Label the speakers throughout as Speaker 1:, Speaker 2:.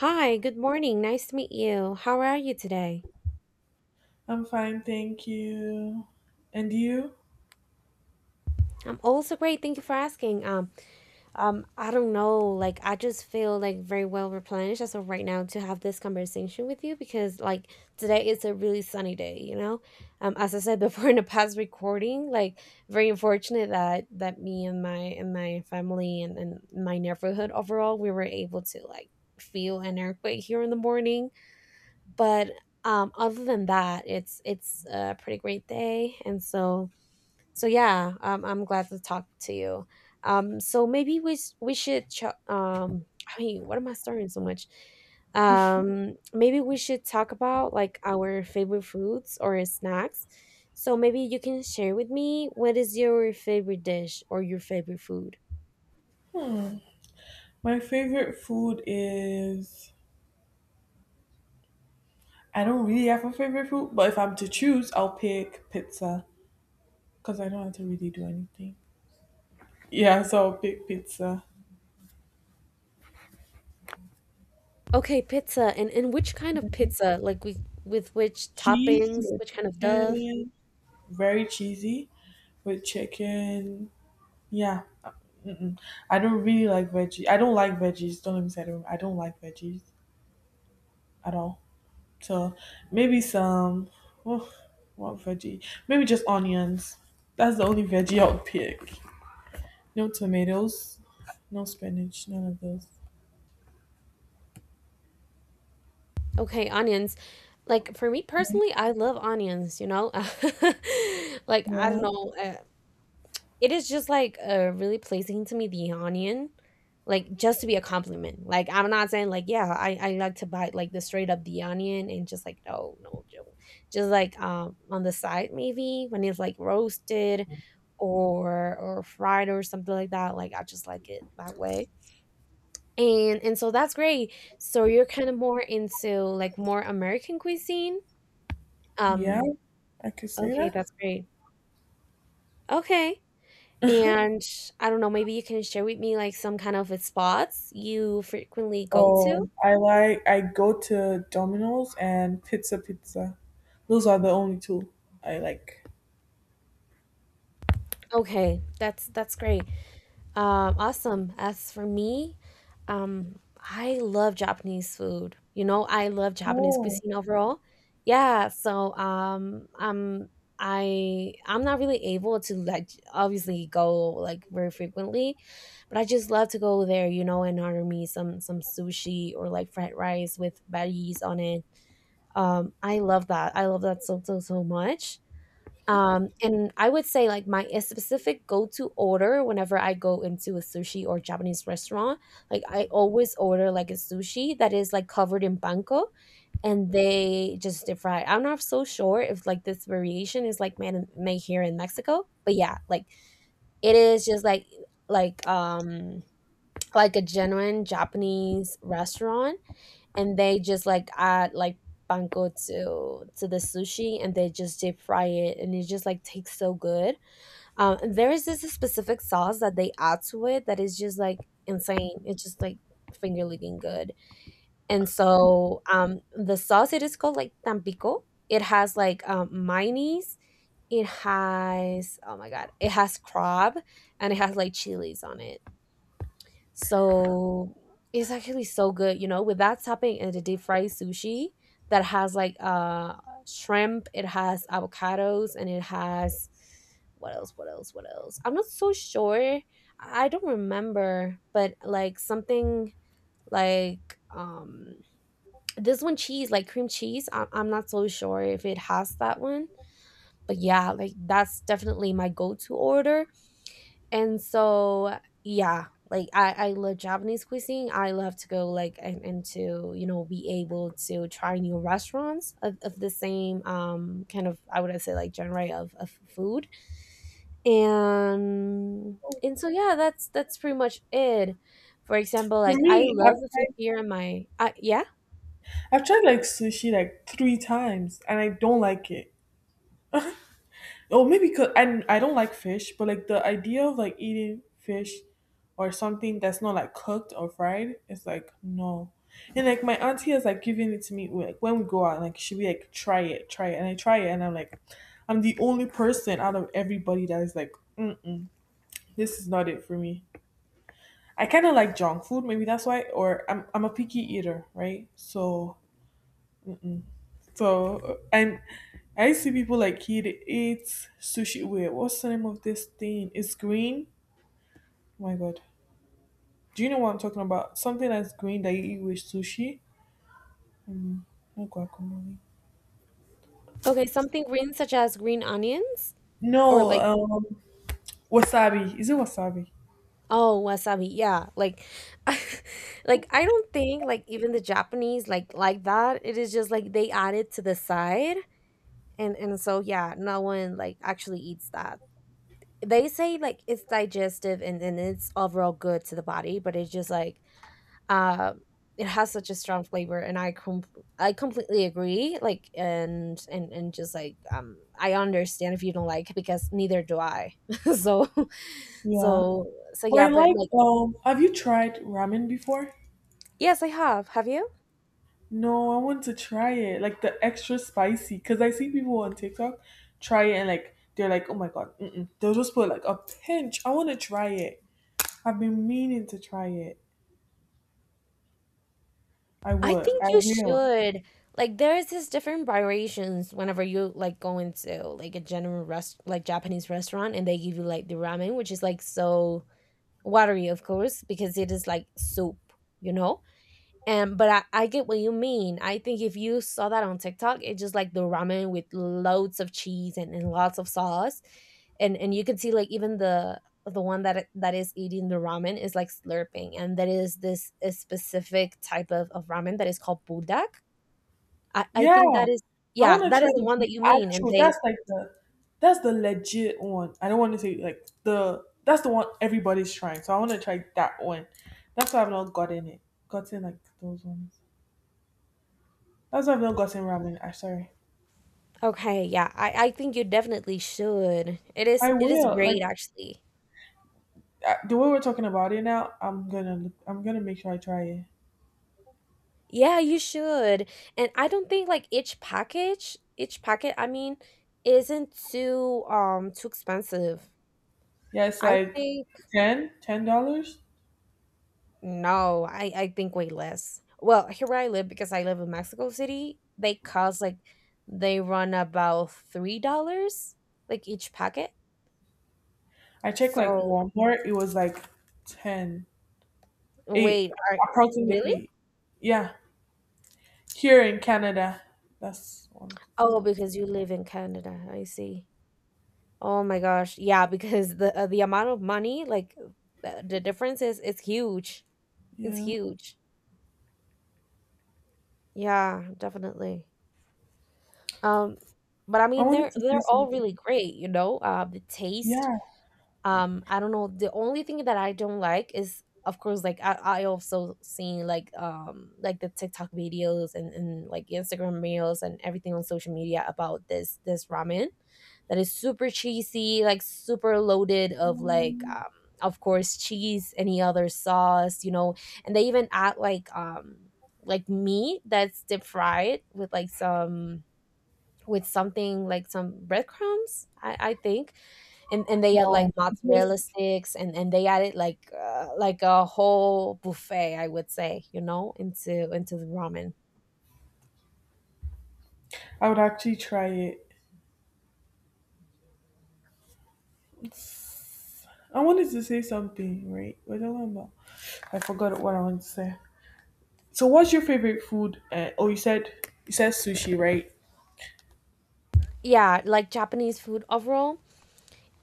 Speaker 1: Hi, good morning. Nice to meet you. How are you today?
Speaker 2: I'm fine, thank you. And you?
Speaker 1: I'm also great. Thank you for asking. I don't know. Like, I just feel like very well replenished as of right now to have this conversation with you because like today is a really sunny day. As I said before in the past recording, like very unfortunate that me and my family and my neighborhood overall, we were able to like feel an earthquake here in the morning, but other than that, it's a pretty great day. And so so yeah um, I'm glad to talk to you. So maybe we should I mean, what am I starting so much? Maybe we should talk about like our favorite foods or snacks. So maybe you can share with me, what is your favorite dish or your favorite food?
Speaker 2: My favorite food is. I don't really have a favorite food, but if I'm to choose, I'll pick pizza because I don't have to really do anything. Yeah, so I'll pick pizza.
Speaker 1: Okay, pizza. And which kind of pizza, like we with which
Speaker 2: Cheese
Speaker 1: toppings,
Speaker 2: with
Speaker 1: which kind of stuff?
Speaker 2: chicken, very cheesy with chicken. Yeah, mm-mm. I don't really like veggies. I don't like veggies. Don't let me say I don't. I don't like veggies at all. So maybe some oh, what veggie? Maybe just onions. That's the only veggie I'll pick. No tomatoes, no spinach, none of those.
Speaker 1: Okay, onions. Like for me personally, I love onions, you know? Like I don't
Speaker 2: Well,
Speaker 1: know, it is just like really pleasing to me, the onion. Like just to be a compliment. Like I'm not saying like yeah, I like to buy like the straight up the onion and just like no, no, no. Just like on the side maybe when it's like roasted or fried or something like that. Like I just like it that way, and so that's great. So you're kind of more into, like, more American cuisine?
Speaker 2: yeah,
Speaker 1: Um,
Speaker 2: I could say
Speaker 1: okay, that's great. Okay.
Speaker 2: that.
Speaker 1: And I don't know, maybe you can share with me, like, some kind of spots you frequently go to?
Speaker 2: Oh, I go to Domino's and Pizza Pizza. Those are the only two I like.
Speaker 1: Okay, that's great. Awesome. As for me, I love Japanese food. You know, I love Japanese
Speaker 2: Oh,
Speaker 1: cuisine overall. Yeah, so um, um, I'm not really able to like obviously go like very frequently, but I just love to go there. You know, and order me some sushi or like fried rice with veggies on it. I love that. I love that so so much. And I would say like my a specific go-to order whenever I go into a sushi or Japanese restaurant, like I always order like a sushi that is like covered in panko and they just deep fry. I'm not so sure if like this variation is like made here in Mexico, but yeah, like it is just like like um like a genuine Japanese restaurant, and they just like add like panko to the sushi, and they just deep fry it, and it just like tastes so good. And there is this specific sauce that they add to it that is just like insane. It's just like finger licking good. And so The sauce, it is called like tampico. It has like mayonnaise, it has, oh my god, it has crab, and it has like chilies on it. So it's actually so good, you know, with that topping and the deep fried sushi, that has like shrimp, it has avocados, and it has what else, what else, what else? I'm not so sure. I don't remember, but like something like this one cheese, like cream cheese. I'm not so sure if it has that one, but yeah, like that's definitely my go-to order. And so, yeah, like I love Japanese cuisine. I love to go like and to, you know, be able to try new restaurants of the same kind of, I would say, like genre of food. And so yeah, that's pretty much it. For
Speaker 2: for
Speaker 1: example, like I
Speaker 2: me,
Speaker 1: love the food here in my yeah.
Speaker 2: I've tried like sushi like 3 times and I don't like it. Oh, maybe because and I don't like fish, but like the idea of like eating fish or something that's not like cooked or fried is like no. And like my auntie is like giving it to me like when we go out, like she be like try it, and I try it, and I'm like, I'm the only person out of everybody that is like, mm this is not it for me. I kind of like junk food, maybe that's why, or I'm a picky eater, right? So and I see people like he eat sushi. Wait, what's the name of this thing? It's green. Oh my god. Do you know what I'm talking about? Something that's green that you eat with sushi. Not guacamole.
Speaker 1: Okay, something green such as green onions or
Speaker 2: No,
Speaker 1: like.
Speaker 2: wasabi. Is it wasabi?
Speaker 1: Oh, wasabi. Yeah. Like like I don't think like even the Japanese like that. It is just like they add it to the side, and so yeah, no one like actually eats that. They say like it's digestive, and it's overall good to the body, but it's just like um it has such a strong flavor, and I completely agree. Like and just like I understand if you don't like it, because neither do I. so
Speaker 2: Yeah.
Speaker 1: so so
Speaker 2: Well,
Speaker 1: yeah,
Speaker 2: I
Speaker 1: but
Speaker 2: like.
Speaker 1: like.
Speaker 2: Have you tried ramen before?
Speaker 1: Yes, I have. Have you?
Speaker 2: No, I want to try it. Like the extra spicy, because I see people on TikTok try it and like they're like, oh my god, mm-mm. They'll just put like a pinch. I want to try it. I've been meaning to try it. I
Speaker 1: I
Speaker 2: would.
Speaker 1: think
Speaker 2: I
Speaker 1: you
Speaker 2: will.
Speaker 1: should. Like there's this different variations whenever you like go into like a general rest, like Japanese restaurant, and they give you like the ramen, which is like so watery, of course, because it is like soup, you know? And but I get what you mean. I think if you saw that on TikTok, it's just like the ramen with loads of cheese and lots of sauce. And you can see like even the one that is eating the ramen is like slurping. And that is this a specific type of ramen that is called budak. I
Speaker 2: Yeah.
Speaker 1: think that is,
Speaker 2: I
Speaker 1: yeah,
Speaker 2: want to
Speaker 1: that
Speaker 2: try
Speaker 1: is the one
Speaker 2: the
Speaker 1: that you mean. And
Speaker 2: actual.
Speaker 1: they.
Speaker 2: That's like that's the legit one. I don't want to say like the. That's the one everybody's trying. So I want to try that one. That's why I've not gotten it. Gotten like those ones. That's why I've not gotten ramen. I sorry.
Speaker 1: Okay, yeah. I think you definitely should.
Speaker 2: I
Speaker 1: It is
Speaker 2: will. Like
Speaker 1: great actually.
Speaker 2: the way we're talking about it now, I'm gonna make sure I try it.
Speaker 1: Yeah, you should. And I don't think like each package, each packet, I mean, isn't too too expensive.
Speaker 2: Yeah, it's
Speaker 1: I
Speaker 2: like
Speaker 1: think
Speaker 2: ten dollars.
Speaker 1: no, I think way less. Well, here where I live, because I live in Mexico City, they cost like they run about $3 like each packet.
Speaker 2: I checked like
Speaker 1: So
Speaker 2: Walmart. It was like 10. Eh,
Speaker 1: wait, are really?
Speaker 2: approximately, yeah, here in Canada. That's one thing that I
Speaker 1: Oh,
Speaker 2: wanted.
Speaker 1: because you live in Canada. I see. Oh my gosh. Yeah, because the amount of money like the difference is huge. It's
Speaker 2: Yeah.
Speaker 1: huge. Yeah, definitely. Um, but I
Speaker 2: I
Speaker 1: mean,
Speaker 2: wanted
Speaker 1: they're
Speaker 2: to say
Speaker 1: they're all
Speaker 2: something.
Speaker 1: really great, you know. The taste,
Speaker 2: Yeah.
Speaker 1: I don't know, the only thing that I don't like is, of course, like I also seen like the TikTok videos, and like Instagram reels and everything on social media about this ramen that is super cheesy, like super loaded of like
Speaker 2: Mm,
Speaker 1: of course cheese, any other sauce, you know. And they even add like meat that's deep fried with like some, with something like some breadcrumbs, I think. And they had like
Speaker 2: no, it's
Speaker 1: mozzarella
Speaker 2: just
Speaker 1: sticks, and they added like a whole buffet, I would say, you know, into the ramen.
Speaker 2: I would actually try it. It's- I wanted to say something, right? What am I about? I forgot what I wanted to say. So, what's your favorite food? Oh, you said sushi, right?
Speaker 1: Yeah, like Japanese food overall.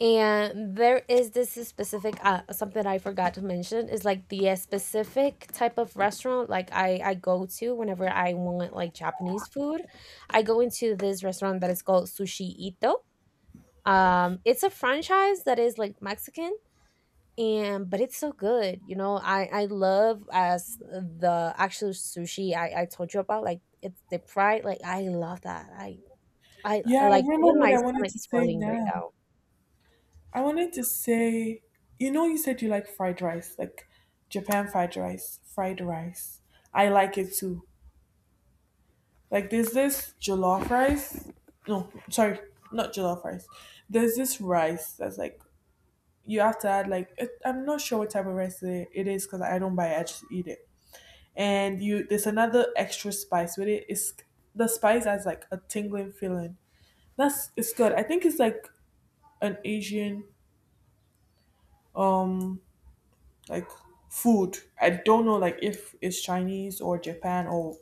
Speaker 1: And there is this specific something I forgot to mention is like the specific type of restaurant like I go to whenever I want like Japanese food. I go into this restaurant that is called Sushi Ito. It's a franchise that is like Mexican, and but it's so good, you know. I love as the actual sushi I told you about, like it's the pride, like I love that. I
Speaker 2: Yeah, I
Speaker 1: like,
Speaker 2: remember
Speaker 1: even
Speaker 2: what
Speaker 1: my
Speaker 2: I wanted
Speaker 1: stomach
Speaker 2: to
Speaker 1: is
Speaker 2: say
Speaker 1: rolling right
Speaker 2: now.
Speaker 1: now.
Speaker 2: I wanted to say, you said you like fried rice, like Japan fried rice, fried rice. I like it too. Like, there's this jollof rice. No, sorry, not jollof rice. There's this rice that's like, you have to add, like, it, I'm not sure what type of rice it is because I don't buy it, I just eat it. And you, there's another extra spice with it. It's The spice has like a tingling feeling. That's It's good. I think it's like an Asian um like food. I don't know like if it's Chinese or Japan or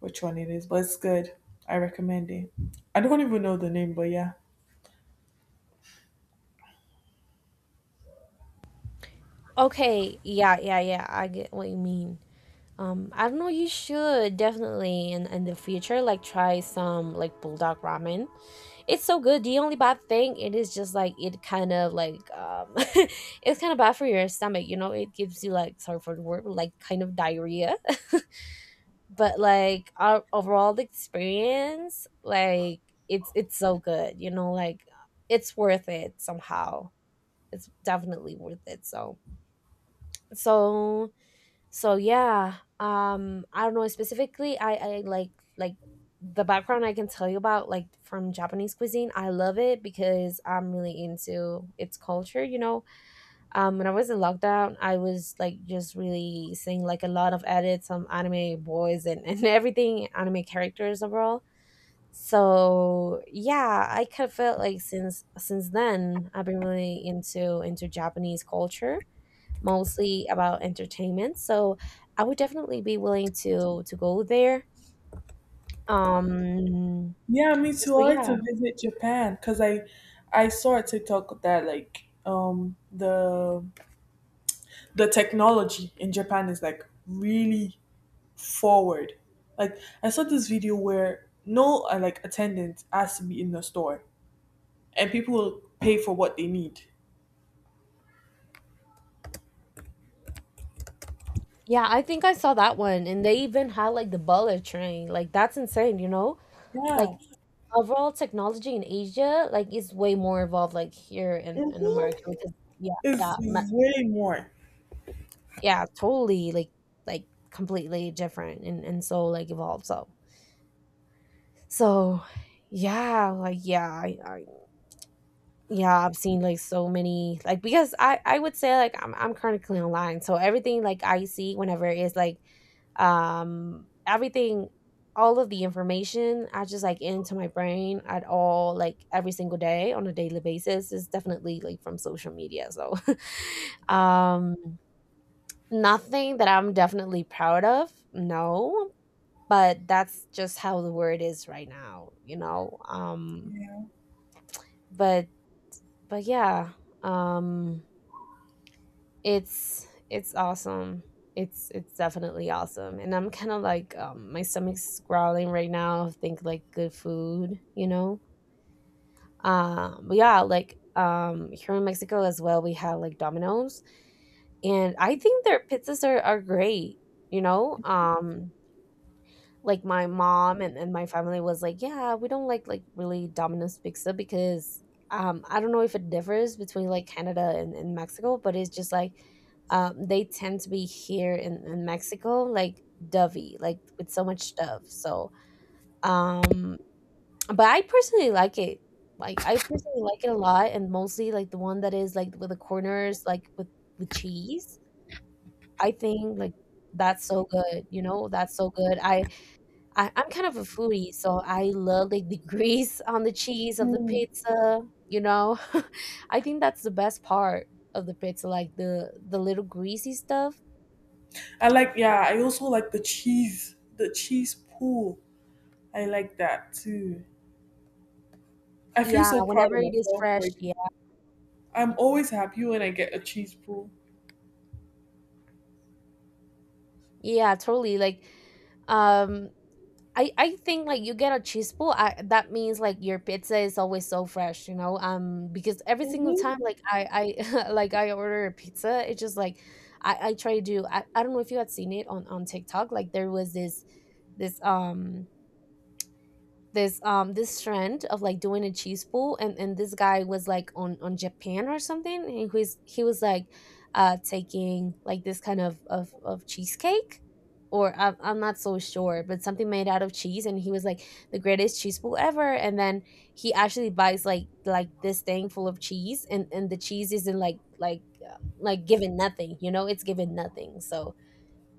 Speaker 2: which one it is, but it's good. I recommend it. I don't even know the name, but yeah.
Speaker 1: Okay, yeah, yeah, yeah, I get what you mean. I don't know, you should definitely in the future like try some like bulldog ramen. It's so good. The only bad thing, it is just like it kind of like it's kind of bad for your stomach, you know. It gives you, like, sorry for the word, but, like kind of diarrhea. But like our overall experience, like it's so good, you know. Like it's worth it somehow. It's definitely worth it. So so yeah, I don't know specifically, I like the background I can tell you about, like, from Japanese cuisine. I love it because I'm really into its culture, you know. When I was in lockdown, I was like just really seeing like a lot of edits on anime boys, and everything anime characters overall. So yeah, I kind of felt like since then I've been really into Japanese culture, mostly about entertainment. So I would definitely be willing to go there. Um
Speaker 2: Yeah, me too.
Speaker 1: so
Speaker 2: I like
Speaker 1: yeah.
Speaker 2: to visit Japan because I saw a TikTok that like the technology in Japan is like really forward. Like I saw this video where no like attendant has to be in the store and people will pay for what they need.
Speaker 1: Yeah, I think I saw that one, and they even had like the bullet train. Like that's insane, you know?
Speaker 2: Yeah.
Speaker 1: Like overall technology in Asia like is way more evolved like here in
Speaker 2: Hmm.
Speaker 1: America. Because yeah, yeah,
Speaker 2: It's
Speaker 1: ma-
Speaker 2: way more.
Speaker 1: yeah, totally like completely different, and so like evolved. So yeah, like yeah, I yeah, I've seen like so many like because I would say like I'm currently online, so everything like I see whenever is like everything all of the information I just like into my brain at all like every single day on a daily basis is definitely like from social media. So um nothing that I'm definitely proud of, no, but that's just how the world is right now, you know.
Speaker 2: Yeah.
Speaker 1: But but yeah, um it's awesome. It's definitely awesome, and I'm kinda like, my stomach's growling right now of think, like, good food. Here in Mexico as well, we have, like, Domino's, and I think their pizzas are great, you know? Um, like my mom and my family was like yeah, we don't like really Domino's pizza because I don't know if it differs between like Canada and Mexico, but it's just like they tend to be here in Mexico like dovey, like with so much stuff. So um but I personally like it. Like I personally like it a lot, and mostly like the one that is like with the corners like with cheese. I think like that's so good, you know, that's so good. I'm kind of a foodie, so I love like the grease on the cheese of the
Speaker 2: Mm.
Speaker 1: pizza, you know. I think that's the best part of the pizza, like the little greasy stuff.
Speaker 2: Yeah, I also like the cheese pool. I like that too. I feel
Speaker 1: Yeah,
Speaker 2: so proud
Speaker 1: whenever
Speaker 2: of
Speaker 1: it is
Speaker 2: myself.
Speaker 1: fresh,
Speaker 2: Like,
Speaker 1: yeah.
Speaker 2: I'm always happy when I get a cheese pool.
Speaker 1: Yeah, totally. Like um I think like you get a chispo, I, that means like your pizza is always so fresh, you know. Because every single time
Speaker 2: Mm-hmm.
Speaker 1: like I like I order a pizza, it's just like I try to do. I don't know if you had seen it on TikTok. Like there was this um this trend of like doing a cheese pool, and this guy was like on Japan or something, and he was like taking like this kind of cheesecake, or I'm not so sure, but something made out of cheese. And he was like the greatest cheese pool ever, and then he actually buys like this thing full of cheese, and the cheese isn't like given nothing, you know, it's given nothing. So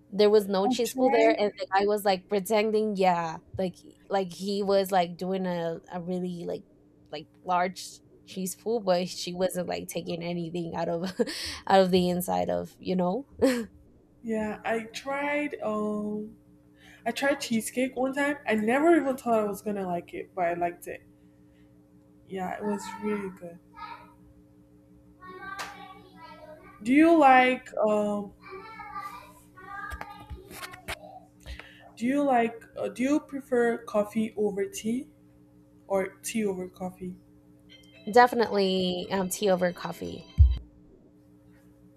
Speaker 1: there was no
Speaker 2: I
Speaker 1: chispo there,
Speaker 2: tried,
Speaker 1: and the guy was like pretending, yeah, like he was like doing a really like large chispo, but she wasn't like taking anything out of out of the inside of, you know.
Speaker 2: yeah, I tried cheesecake one time. I never even thought I was gonna like it, but I liked it. Yeah, it was really good. Do you like, um, do you do you prefer coffee over tea or tea over coffee?
Speaker 1: Definitely tea over coffee.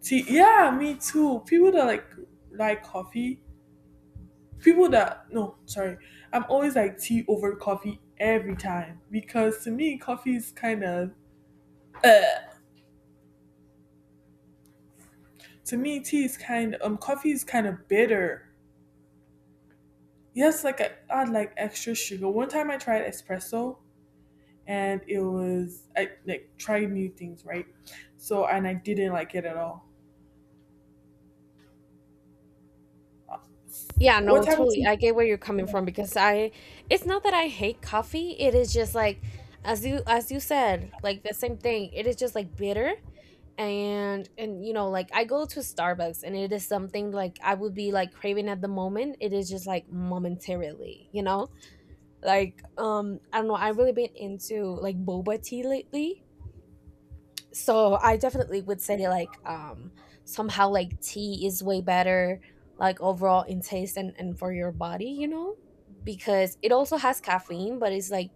Speaker 2: Tea, yeah, me too. People that like coffee, people that no, sorry, I'm always like tea over coffee every time because to me coffee is kind of uh, to me tea is kind coffee is kind of bitter. Yes, like I add like extra sugar. One time I tried espresso and it was I like tried new things right, so and I didn't like it at all.
Speaker 1: Yeah, no,
Speaker 2: What type of
Speaker 1: totally,
Speaker 2: tea?
Speaker 1: I get where you're coming from because I It's not that I hate coffee, it is just like, as you said, like the same thing, it is just like bitter. And you know, like I go to Starbucks, and it is something like I would be like craving at the moment, it is just like momentarily, you know. Like I don't know, I've really been into like boba tea lately. So I definitely would say, like, somehow like tea is way better, like overall in taste and for your body, you know, because it also has caffeine, but it's like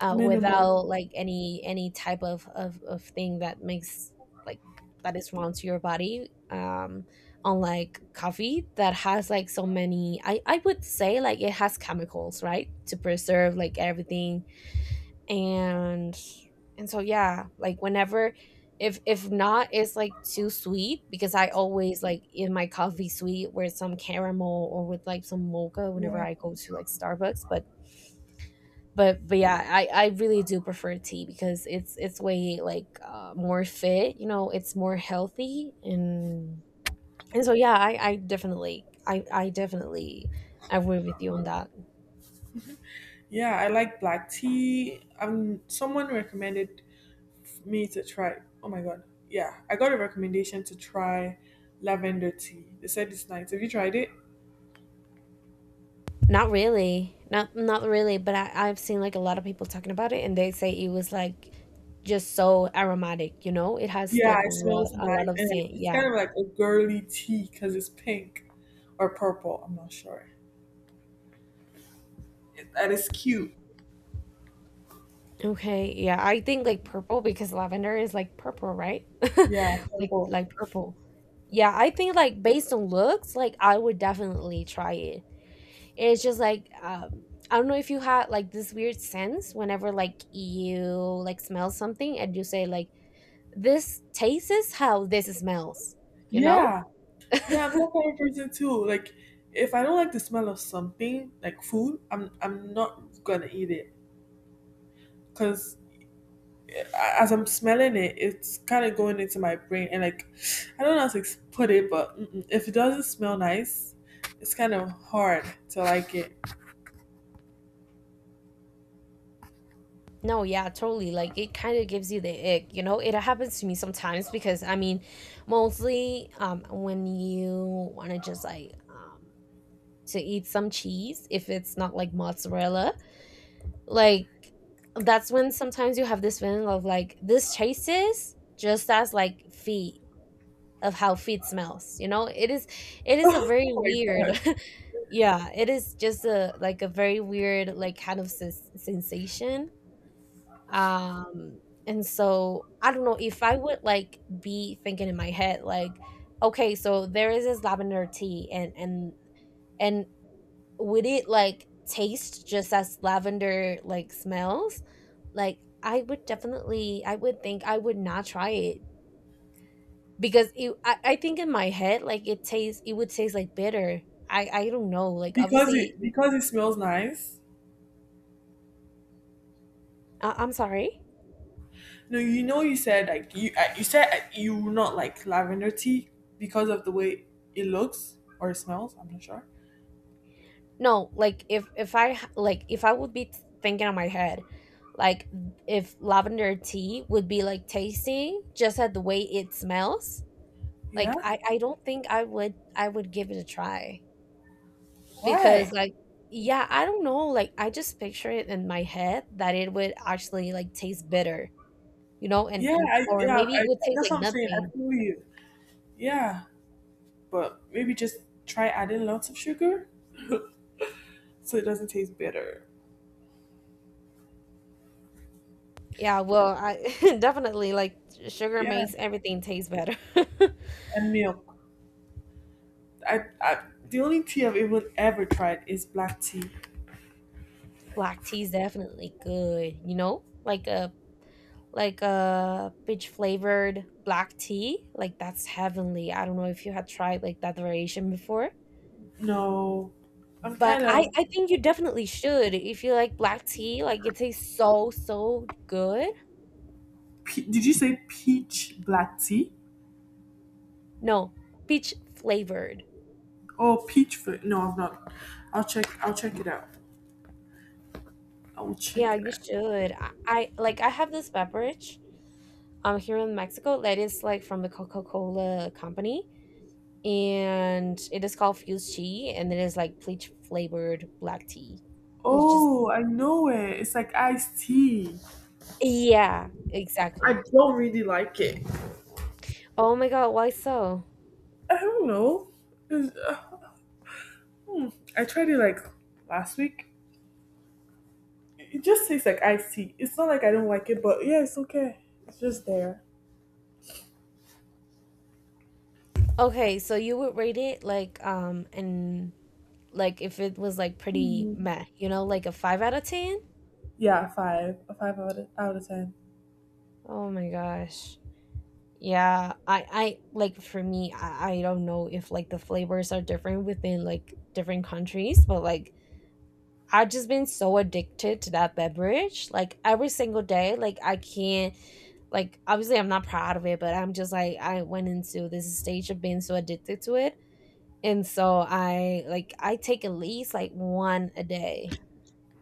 Speaker 2: Minimal.
Speaker 1: without like any type of thing that makes like that is wrong to your body. Unlike coffee that has like so many, I would say like it has chemicals, right, to preserve like everything. and and so yeah, like whenever, if not, it's like too sweet, because I always like in my coffee sweet with some caramel or with like some mocha whenever
Speaker 2: Yeah.
Speaker 1: I go to like Starbucks, but but yeah, I really do prefer tea because it's way like, more fit, you know, it's more healthy. And so yeah, I definitely agree with you on that.
Speaker 2: Yeah, I like black tea. Someone recommended for me to try. Oh my god. Yeah, I got a recommendation to try lavender tea. They said it's nice. Have you tried it?
Speaker 1: Not really, not really, but I've seen like a lot of people talking about it, and they say it was like just so aromatic, you know, it has
Speaker 2: Yeah,
Speaker 1: like
Speaker 2: it smells
Speaker 1: a lot
Speaker 2: nice.
Speaker 1: of
Speaker 2: And like,
Speaker 1: scent,
Speaker 2: it's kind
Speaker 1: yeah.
Speaker 2: of like a girly tea because it's pink or purple. I'm not sure. That is cute.
Speaker 1: Okay, yeah, I think like purple, because lavender is like purple, right?
Speaker 2: Yeah, purple.
Speaker 1: Like purple. Yeah, I think like based on looks, like I would definitely try it. It's just like I don't know if you had like this weird sense whenever like you like smell something and you say like this tastes how this smells, you know?
Speaker 2: Yeah. Yeah, I'm that kind of person too. Like, if I don't like the smell of something, like food, I'm not gonna eat it. Cause as I'm smelling it, it's kind of going into my brain, and like, I don't know how to put it, but mm-mm, if it doesn't smell nice, it's kind of hard to like it.
Speaker 1: No, yeah, totally. Like it kind of gives you the ick, you know? It happens to me sometimes, because I mean, mostly when you want to just like to eat some cheese if it's not like mozzarella. Like that's when sometimes you have this feeling of like this tastes just as like feet of how feet smells. You know, it is a
Speaker 2: Oh
Speaker 1: very
Speaker 2: my
Speaker 1: weird.
Speaker 2: god!
Speaker 1: Yeah, it is just a like a very weird like kind of sensation. Um and so I don't know if I would like be thinking in my head like, okay, so there is this lavender tea, and would it like taste just as lavender like smells? Like I would definitely I would think I would not try it, because it, I think in my head like it would taste like bitter. I don't know. Like obviously
Speaker 2: Because it smells nice.
Speaker 1: I'm sorry.
Speaker 2: No, you know you said like you you said you will not like lavender tea because of the way it looks or it smells. I'm not sure.
Speaker 1: No, like if I h- like if I would be thinking on my head, like if lavender tea would be like tasting just at the way it smells,
Speaker 2: Yeah.
Speaker 1: like I don't think I would give it a try, because
Speaker 2: Why?
Speaker 1: like yeah, I don't know, like I just picture it in my head that it would actually like taste bitter, you know. and
Speaker 2: Yeah.
Speaker 1: and
Speaker 2: I
Speaker 1: or
Speaker 2: yeah.
Speaker 1: maybe it
Speaker 2: I
Speaker 1: would taste
Speaker 2: that's
Speaker 1: like
Speaker 2: what I'm saying.
Speaker 1: nothing.
Speaker 2: I feel you. Yeah. But maybe just try adding lots of sugar. So it doesn't taste bitter.
Speaker 1: Yeah, well I definitely like sugar
Speaker 2: Yeah,
Speaker 1: makes everything taste better.
Speaker 2: and milk. I the only tea I've even ever tried is black tea.
Speaker 1: Black tea is definitely good, you know, like a peach flavored black tea, like that's heavenly. I don't know if you had tried like that variation before,
Speaker 2: No, I'm
Speaker 1: but
Speaker 2: kind
Speaker 1: i
Speaker 2: of.
Speaker 1: i think you definitely should. If you like black tea, like it tastes so good.
Speaker 2: Did you say peach black tea?
Speaker 1: No, peach flavored.
Speaker 2: Oh, peach fruit. No, I've not. I'll check. I'll check it out. I will
Speaker 1: Yeah,
Speaker 2: check it
Speaker 1: you
Speaker 2: out.
Speaker 1: should. I like I have this beverage here in Mexico that is like from the Coca-Cola company, and it is called Fuse Tea, and it is like peach flavored black tea. And it's just
Speaker 2: Oh, I know it. It's like iced tea.
Speaker 1: yeah,
Speaker 2: I
Speaker 1: exactly.
Speaker 2: don't really like it.
Speaker 1: Oh my God, why so?
Speaker 2: I don't know. It's- uh, hmm. I tried it like last week. It just tastes like iced tea. It's not like I don't like it, but yeah, it's okay. It's just there.
Speaker 1: Okay, so you would rate it like and like if it was like pretty
Speaker 2: Hmm.
Speaker 1: meh, you know, like a 5 out of 10?
Speaker 2: Yeah, five. A five out of 10.
Speaker 1: Oh my gosh. Yeah, I like for me, I don't know if like the flavors are different within like different countries, but like I've just been so addicted to that beverage. Like every single day, like I can't, like obviously I'm not proud of it, but I'm just like I went into this stage of being so addicted to it. And so I like I take at least like one a day.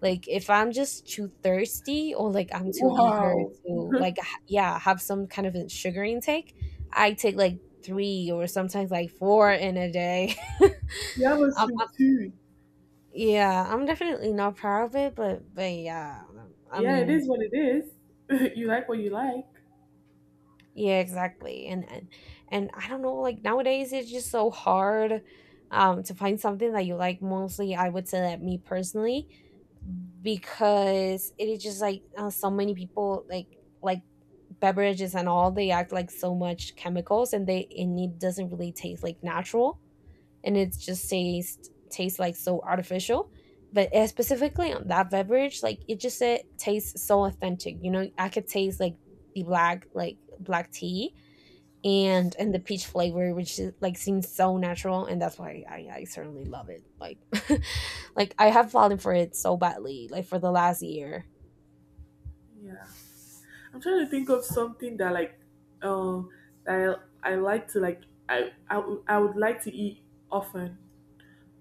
Speaker 1: Like if I'm just too thirsty or like I'm too eager
Speaker 2: Wow.
Speaker 1: to like yeah, have some kind of a sugar intake, I take like 3 or sometimes like 4 in a day.
Speaker 2: You have a
Speaker 1: Um,
Speaker 2: sweet tooth.
Speaker 1: yeah, I'm definitely not proud of it, but yeah, I
Speaker 2: Yeah, it
Speaker 1: mean,
Speaker 2: is what it is. You like what you like.
Speaker 1: yeah, exactly. And I don't know, like nowadays it's just so hard to find something that you like. Mostly, I would say that me personally, because it is just like, so many people like beverages, and all they act like so much chemicals, and they and it doesn't really taste like natural, and it just tastes like so artificial. But specifically on that beverage, like it just it tastes so authentic, you know, I could taste like the black like black tea and the peach flavor, which is, like seems so natural, and that's why I certainly love it like like I have fallen for it so badly, like for the last year.
Speaker 2: Yeah. I'm trying to think of something that like um that I like to like I would like to eat often.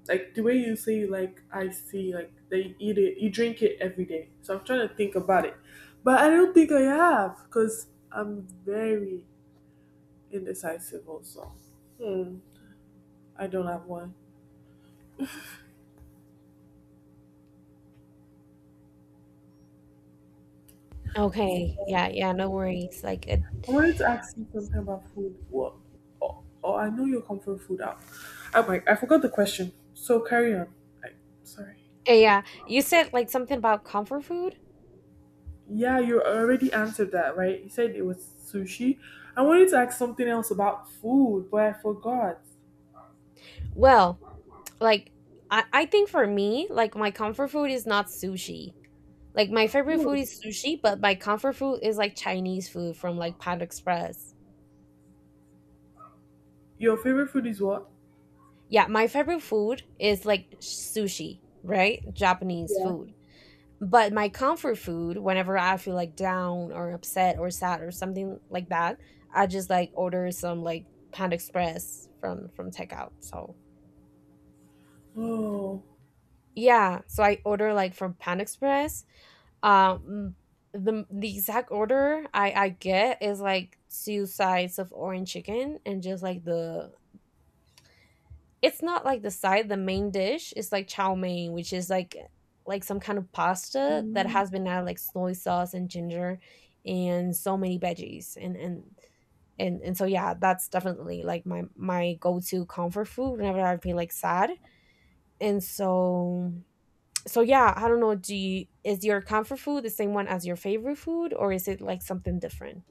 Speaker 2: Like the way you say like I see like they eat it you drink it every day. So I'm trying to think about it. But I don't think I have because I'm very indecisive also. Hmm. I don't have one. So,
Speaker 1: Okay. Yeah. Yeah. No
Speaker 2: hmm.
Speaker 1: worries. Like it.
Speaker 2: I wanted to ask you something about food. What Oh, oh I know your comfort food out. I'm like I forgot the question. So carry on. I, sorry.
Speaker 1: Yeah. You said like something about comfort food.
Speaker 2: Yeah, you already answered that, right? You said it was sushi. I wanted to ask something else about food, but I forgot.
Speaker 1: Well, like I think for me, like my comfort food is not sushi. Like my favorite
Speaker 2: Oh,
Speaker 1: food is sushi, but my comfort food is like Chinese food from like Panda Express.
Speaker 2: your favorite food is what?
Speaker 1: Yeah, my favorite food is like sushi, right? Japanese
Speaker 2: Yeah.
Speaker 1: food. But my comfort food, whenever I feel like down or upset or sad or something like that, I just like order some like Panda Express from takeout. So
Speaker 2: Oh,
Speaker 1: yeah, so I order like from Panda Express. Um, the exact order I get is like two sides of orange chicken and just like the it's not like the side, the main dish is like chow mein, which is like some kind of pasta that
Speaker 2: Mm,
Speaker 1: has been added like soy sauce and ginger and so many veggies and so yeah, that's definitely like my go-to comfort food whenever I feel like sad. And so so yeah, I don't know, do you— is your comfort food the same one as your favorite food or is it like something different?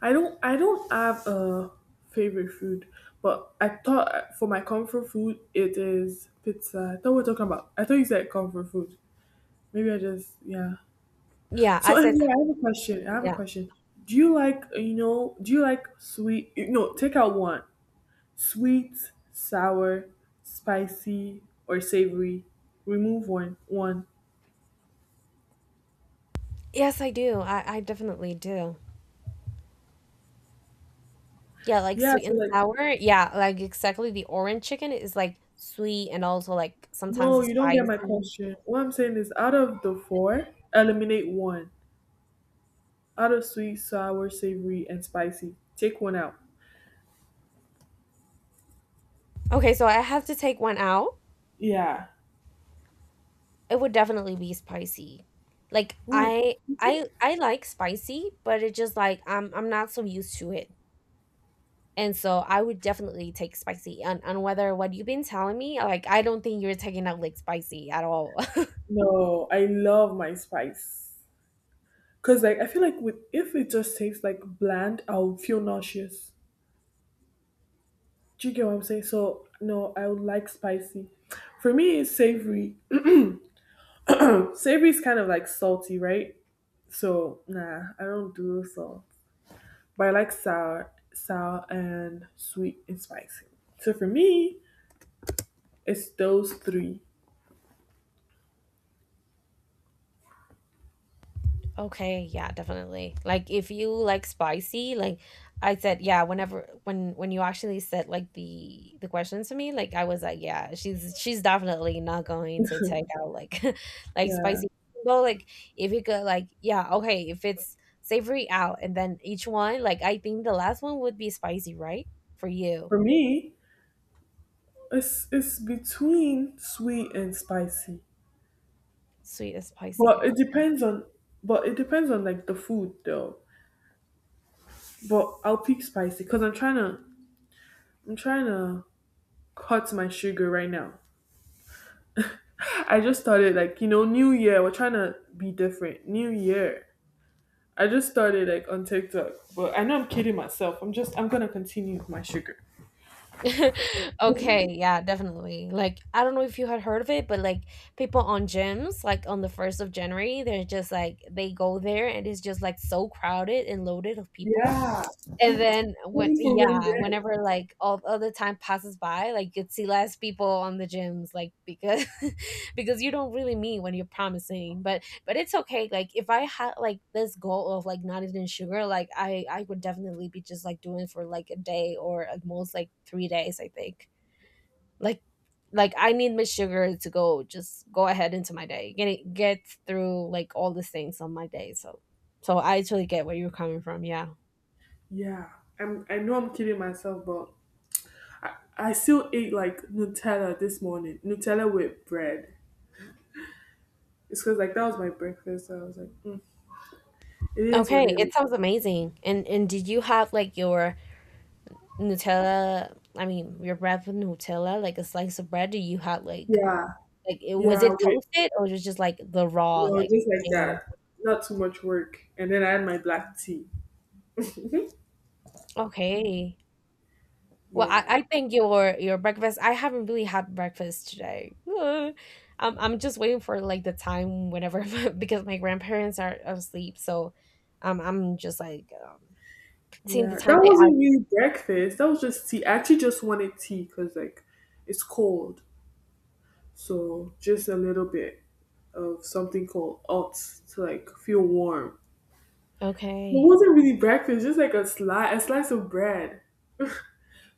Speaker 2: I don't have a favorite food, but I thought for my comfort food it is pizza. I thought we are talking about. I thought you said comfort food. Maybe I just yeah.
Speaker 1: Yeah, I
Speaker 2: So
Speaker 1: said
Speaker 2: yeah, I
Speaker 1: comfort
Speaker 2: have a
Speaker 1: food.
Speaker 2: question. I have a
Speaker 1: Yeah,
Speaker 2: question. Do you like you know? Do you like sweet? No, take out one. Sweet, sour, spicy, or savory. Remove one. One.
Speaker 1: yes I do, I definitely do. Yeah, like
Speaker 2: Yeah.
Speaker 1: sweet
Speaker 2: So
Speaker 1: and
Speaker 2: like,
Speaker 1: sour. Yeah, like exactly, the orange chicken is like sweet and also like sometimes
Speaker 2: no,
Speaker 1: it's
Speaker 2: you don't get my
Speaker 1: spicy.
Speaker 2: question. What I'm saying is, out of the four, eliminate one. Out of sweet, sour, savory, and spicy, take one out.
Speaker 1: Okay, so I have to take one out.
Speaker 2: Yeah.
Speaker 1: It would definitely be spicy. Like
Speaker 2: Ooh.
Speaker 1: I like spicy, but it just like I'm not so used to it. And so I would definitely take spicy. And on whether what you've been telling me, like I don't think you're taking out like spicy at all.
Speaker 2: No, I love my spice. Cause like I feel like with if it just tastes like bland, I'll feel nauseous. Do you get what I'm saying? So no, I would like spicy. For me, it's savory. Savory is kind of like salty, right? So nah, I don't do so. But I like sour and sweet and spicy. So for me, it's those three.
Speaker 1: Okay, yeah, definitely. Like if you like spicy, like I said, yeah, whenever when you actually said like the questions to me, like I was like, yeah, she's definitely not going to take out like like
Speaker 2: Yeah,
Speaker 1: spicy. Though like if you could like, yeah, okay, if it's savory out and then each one, like I think the last one would be spicy, right? For you.
Speaker 2: for me, it's between sweet and spicy,
Speaker 1: Sweet and spicy.
Speaker 2: but it depends on like the food though. But I'll pick spicy because I'm trying to cut my sugar right now. I just started like New Year. We're trying to be different. New Year. I just started like on TikTok, but I know I'm kidding myself. I'm gonna continue with my sugar.
Speaker 1: Okay, yeah, definitely. Like, I don't know if you had heard of it, but like people on gyms, like on the 1st of January, they're just like, they go there and it's just like so crowded and loaded of people.
Speaker 2: Yeah,
Speaker 1: And then when,
Speaker 2: only for one
Speaker 1: yeah,
Speaker 2: day.
Speaker 1: whenever like all the time passes by, like you'd see less people on the gyms, like because because you don't really mean when you're promising. But it's okay. Like if I had like this goal of like not eating sugar, like I would definitely be just like doing for like a day or at most like 3 days. I think like like I need my sugar to go, just go ahead into my day, get it, get through like all the things on my day. So I totally get where you're coming from. Yeah.
Speaker 2: Yeah, I'm. I know I'm kidding myself, but I still ate like Nutella this morning. Nutella with bread. It's because like that was my breakfast. So I was like, mm, it is what
Speaker 1: Okay,
Speaker 2: it is.
Speaker 1: it sounds amazing. And did you have like your Nutella, I mean, your bread with Nutella, like a slice of bread? Do you have like
Speaker 2: Yeah,
Speaker 1: like, it was
Speaker 2: yeah.
Speaker 1: it
Speaker 2: With
Speaker 1: toasted or was it just like the raw, like
Speaker 2: just like
Speaker 1: plain?
Speaker 2: that. Not too much work. And then I had my black tea.
Speaker 1: Okay. Well, I,
Speaker 2: Yeah.
Speaker 1: I think your your— breakfast, I haven't really had breakfast today. I'm just waiting for like the time whenever because my grandparents are asleep, so I'm just like seeing
Speaker 2: Yeah,
Speaker 1: the time
Speaker 2: that
Speaker 1: they are.
Speaker 2: wasn't really breakfast. That was just tea. I actually just wanted tea because like it's cold, so just a little bit of something called oats to like feel warm. It
Speaker 1: Okay.
Speaker 2: wasn't really breakfast, just like a slice of bread.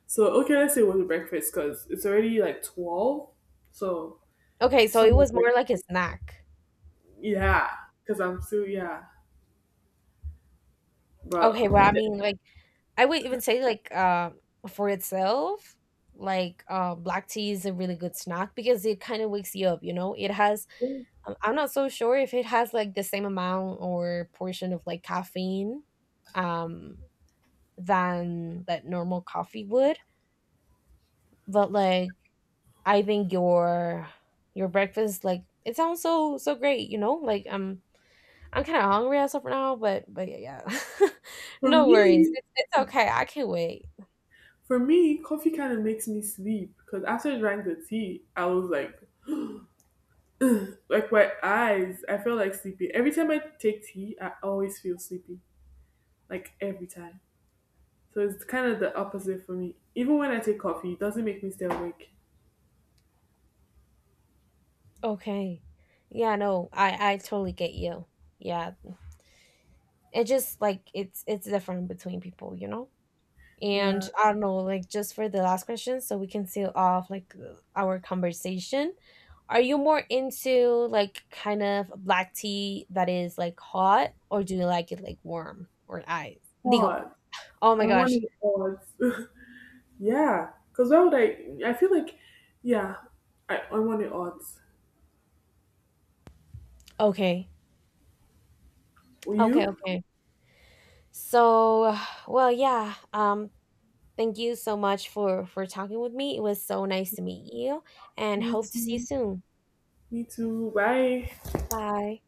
Speaker 2: So okay, let's say it wasn't breakfast because it's already like 12, so
Speaker 1: Okay,
Speaker 2: it's
Speaker 1: so
Speaker 2: not
Speaker 1: it
Speaker 2: like
Speaker 1: was more like a snack.
Speaker 2: yeah, because I'm still yeah.
Speaker 1: Okay,
Speaker 2: But
Speaker 1: well, I mean, like I would even say like for itself, like black tea is a really good snack because it kind of wakes you up, you know? It has I'm not so sure if it has like the same amount or portion of like caffeine um than that normal coffee would, but like I think your your— breakfast like it sounds so so great, you know? Like I'm kind of hungry as of now, but yeah. Yeah.
Speaker 2: for
Speaker 1: No worries.
Speaker 2: me,
Speaker 1: It's okay. I can wait.
Speaker 2: for me, coffee kind of makes me sleep because after I drank the tea, I was like my eyes, I feel like sleepy. Every time I take tea, I always feel sleepy. Like every time. So it's kind of the opposite for me. Even when I take coffee, it doesn't make me stay awake.
Speaker 1: Okay. Yeah, no, I totally get you. Yeah. It just like it's different between people, you know? And
Speaker 2: Yeah.
Speaker 1: I don't know, like just for the last question so we can seal off like our conversation. Are you more into like kind of black tea that is like hot or do you like it like warm or ice? Digo.
Speaker 2: Hot.
Speaker 1: Oh
Speaker 2: I
Speaker 1: my
Speaker 2: want
Speaker 1: gosh.
Speaker 2: it hot. Yeah. Cause why would I feel like yeah, I want it hot.
Speaker 1: Okay.
Speaker 2: Will
Speaker 1: Okay,
Speaker 2: you?
Speaker 1: okay. So, well, yeah. Thank you so much for talking with me. It was so nice to meet you and
Speaker 2: You
Speaker 1: hope to see you
Speaker 2: too.
Speaker 1: soon.
Speaker 2: Me too. Bye.
Speaker 1: Bye.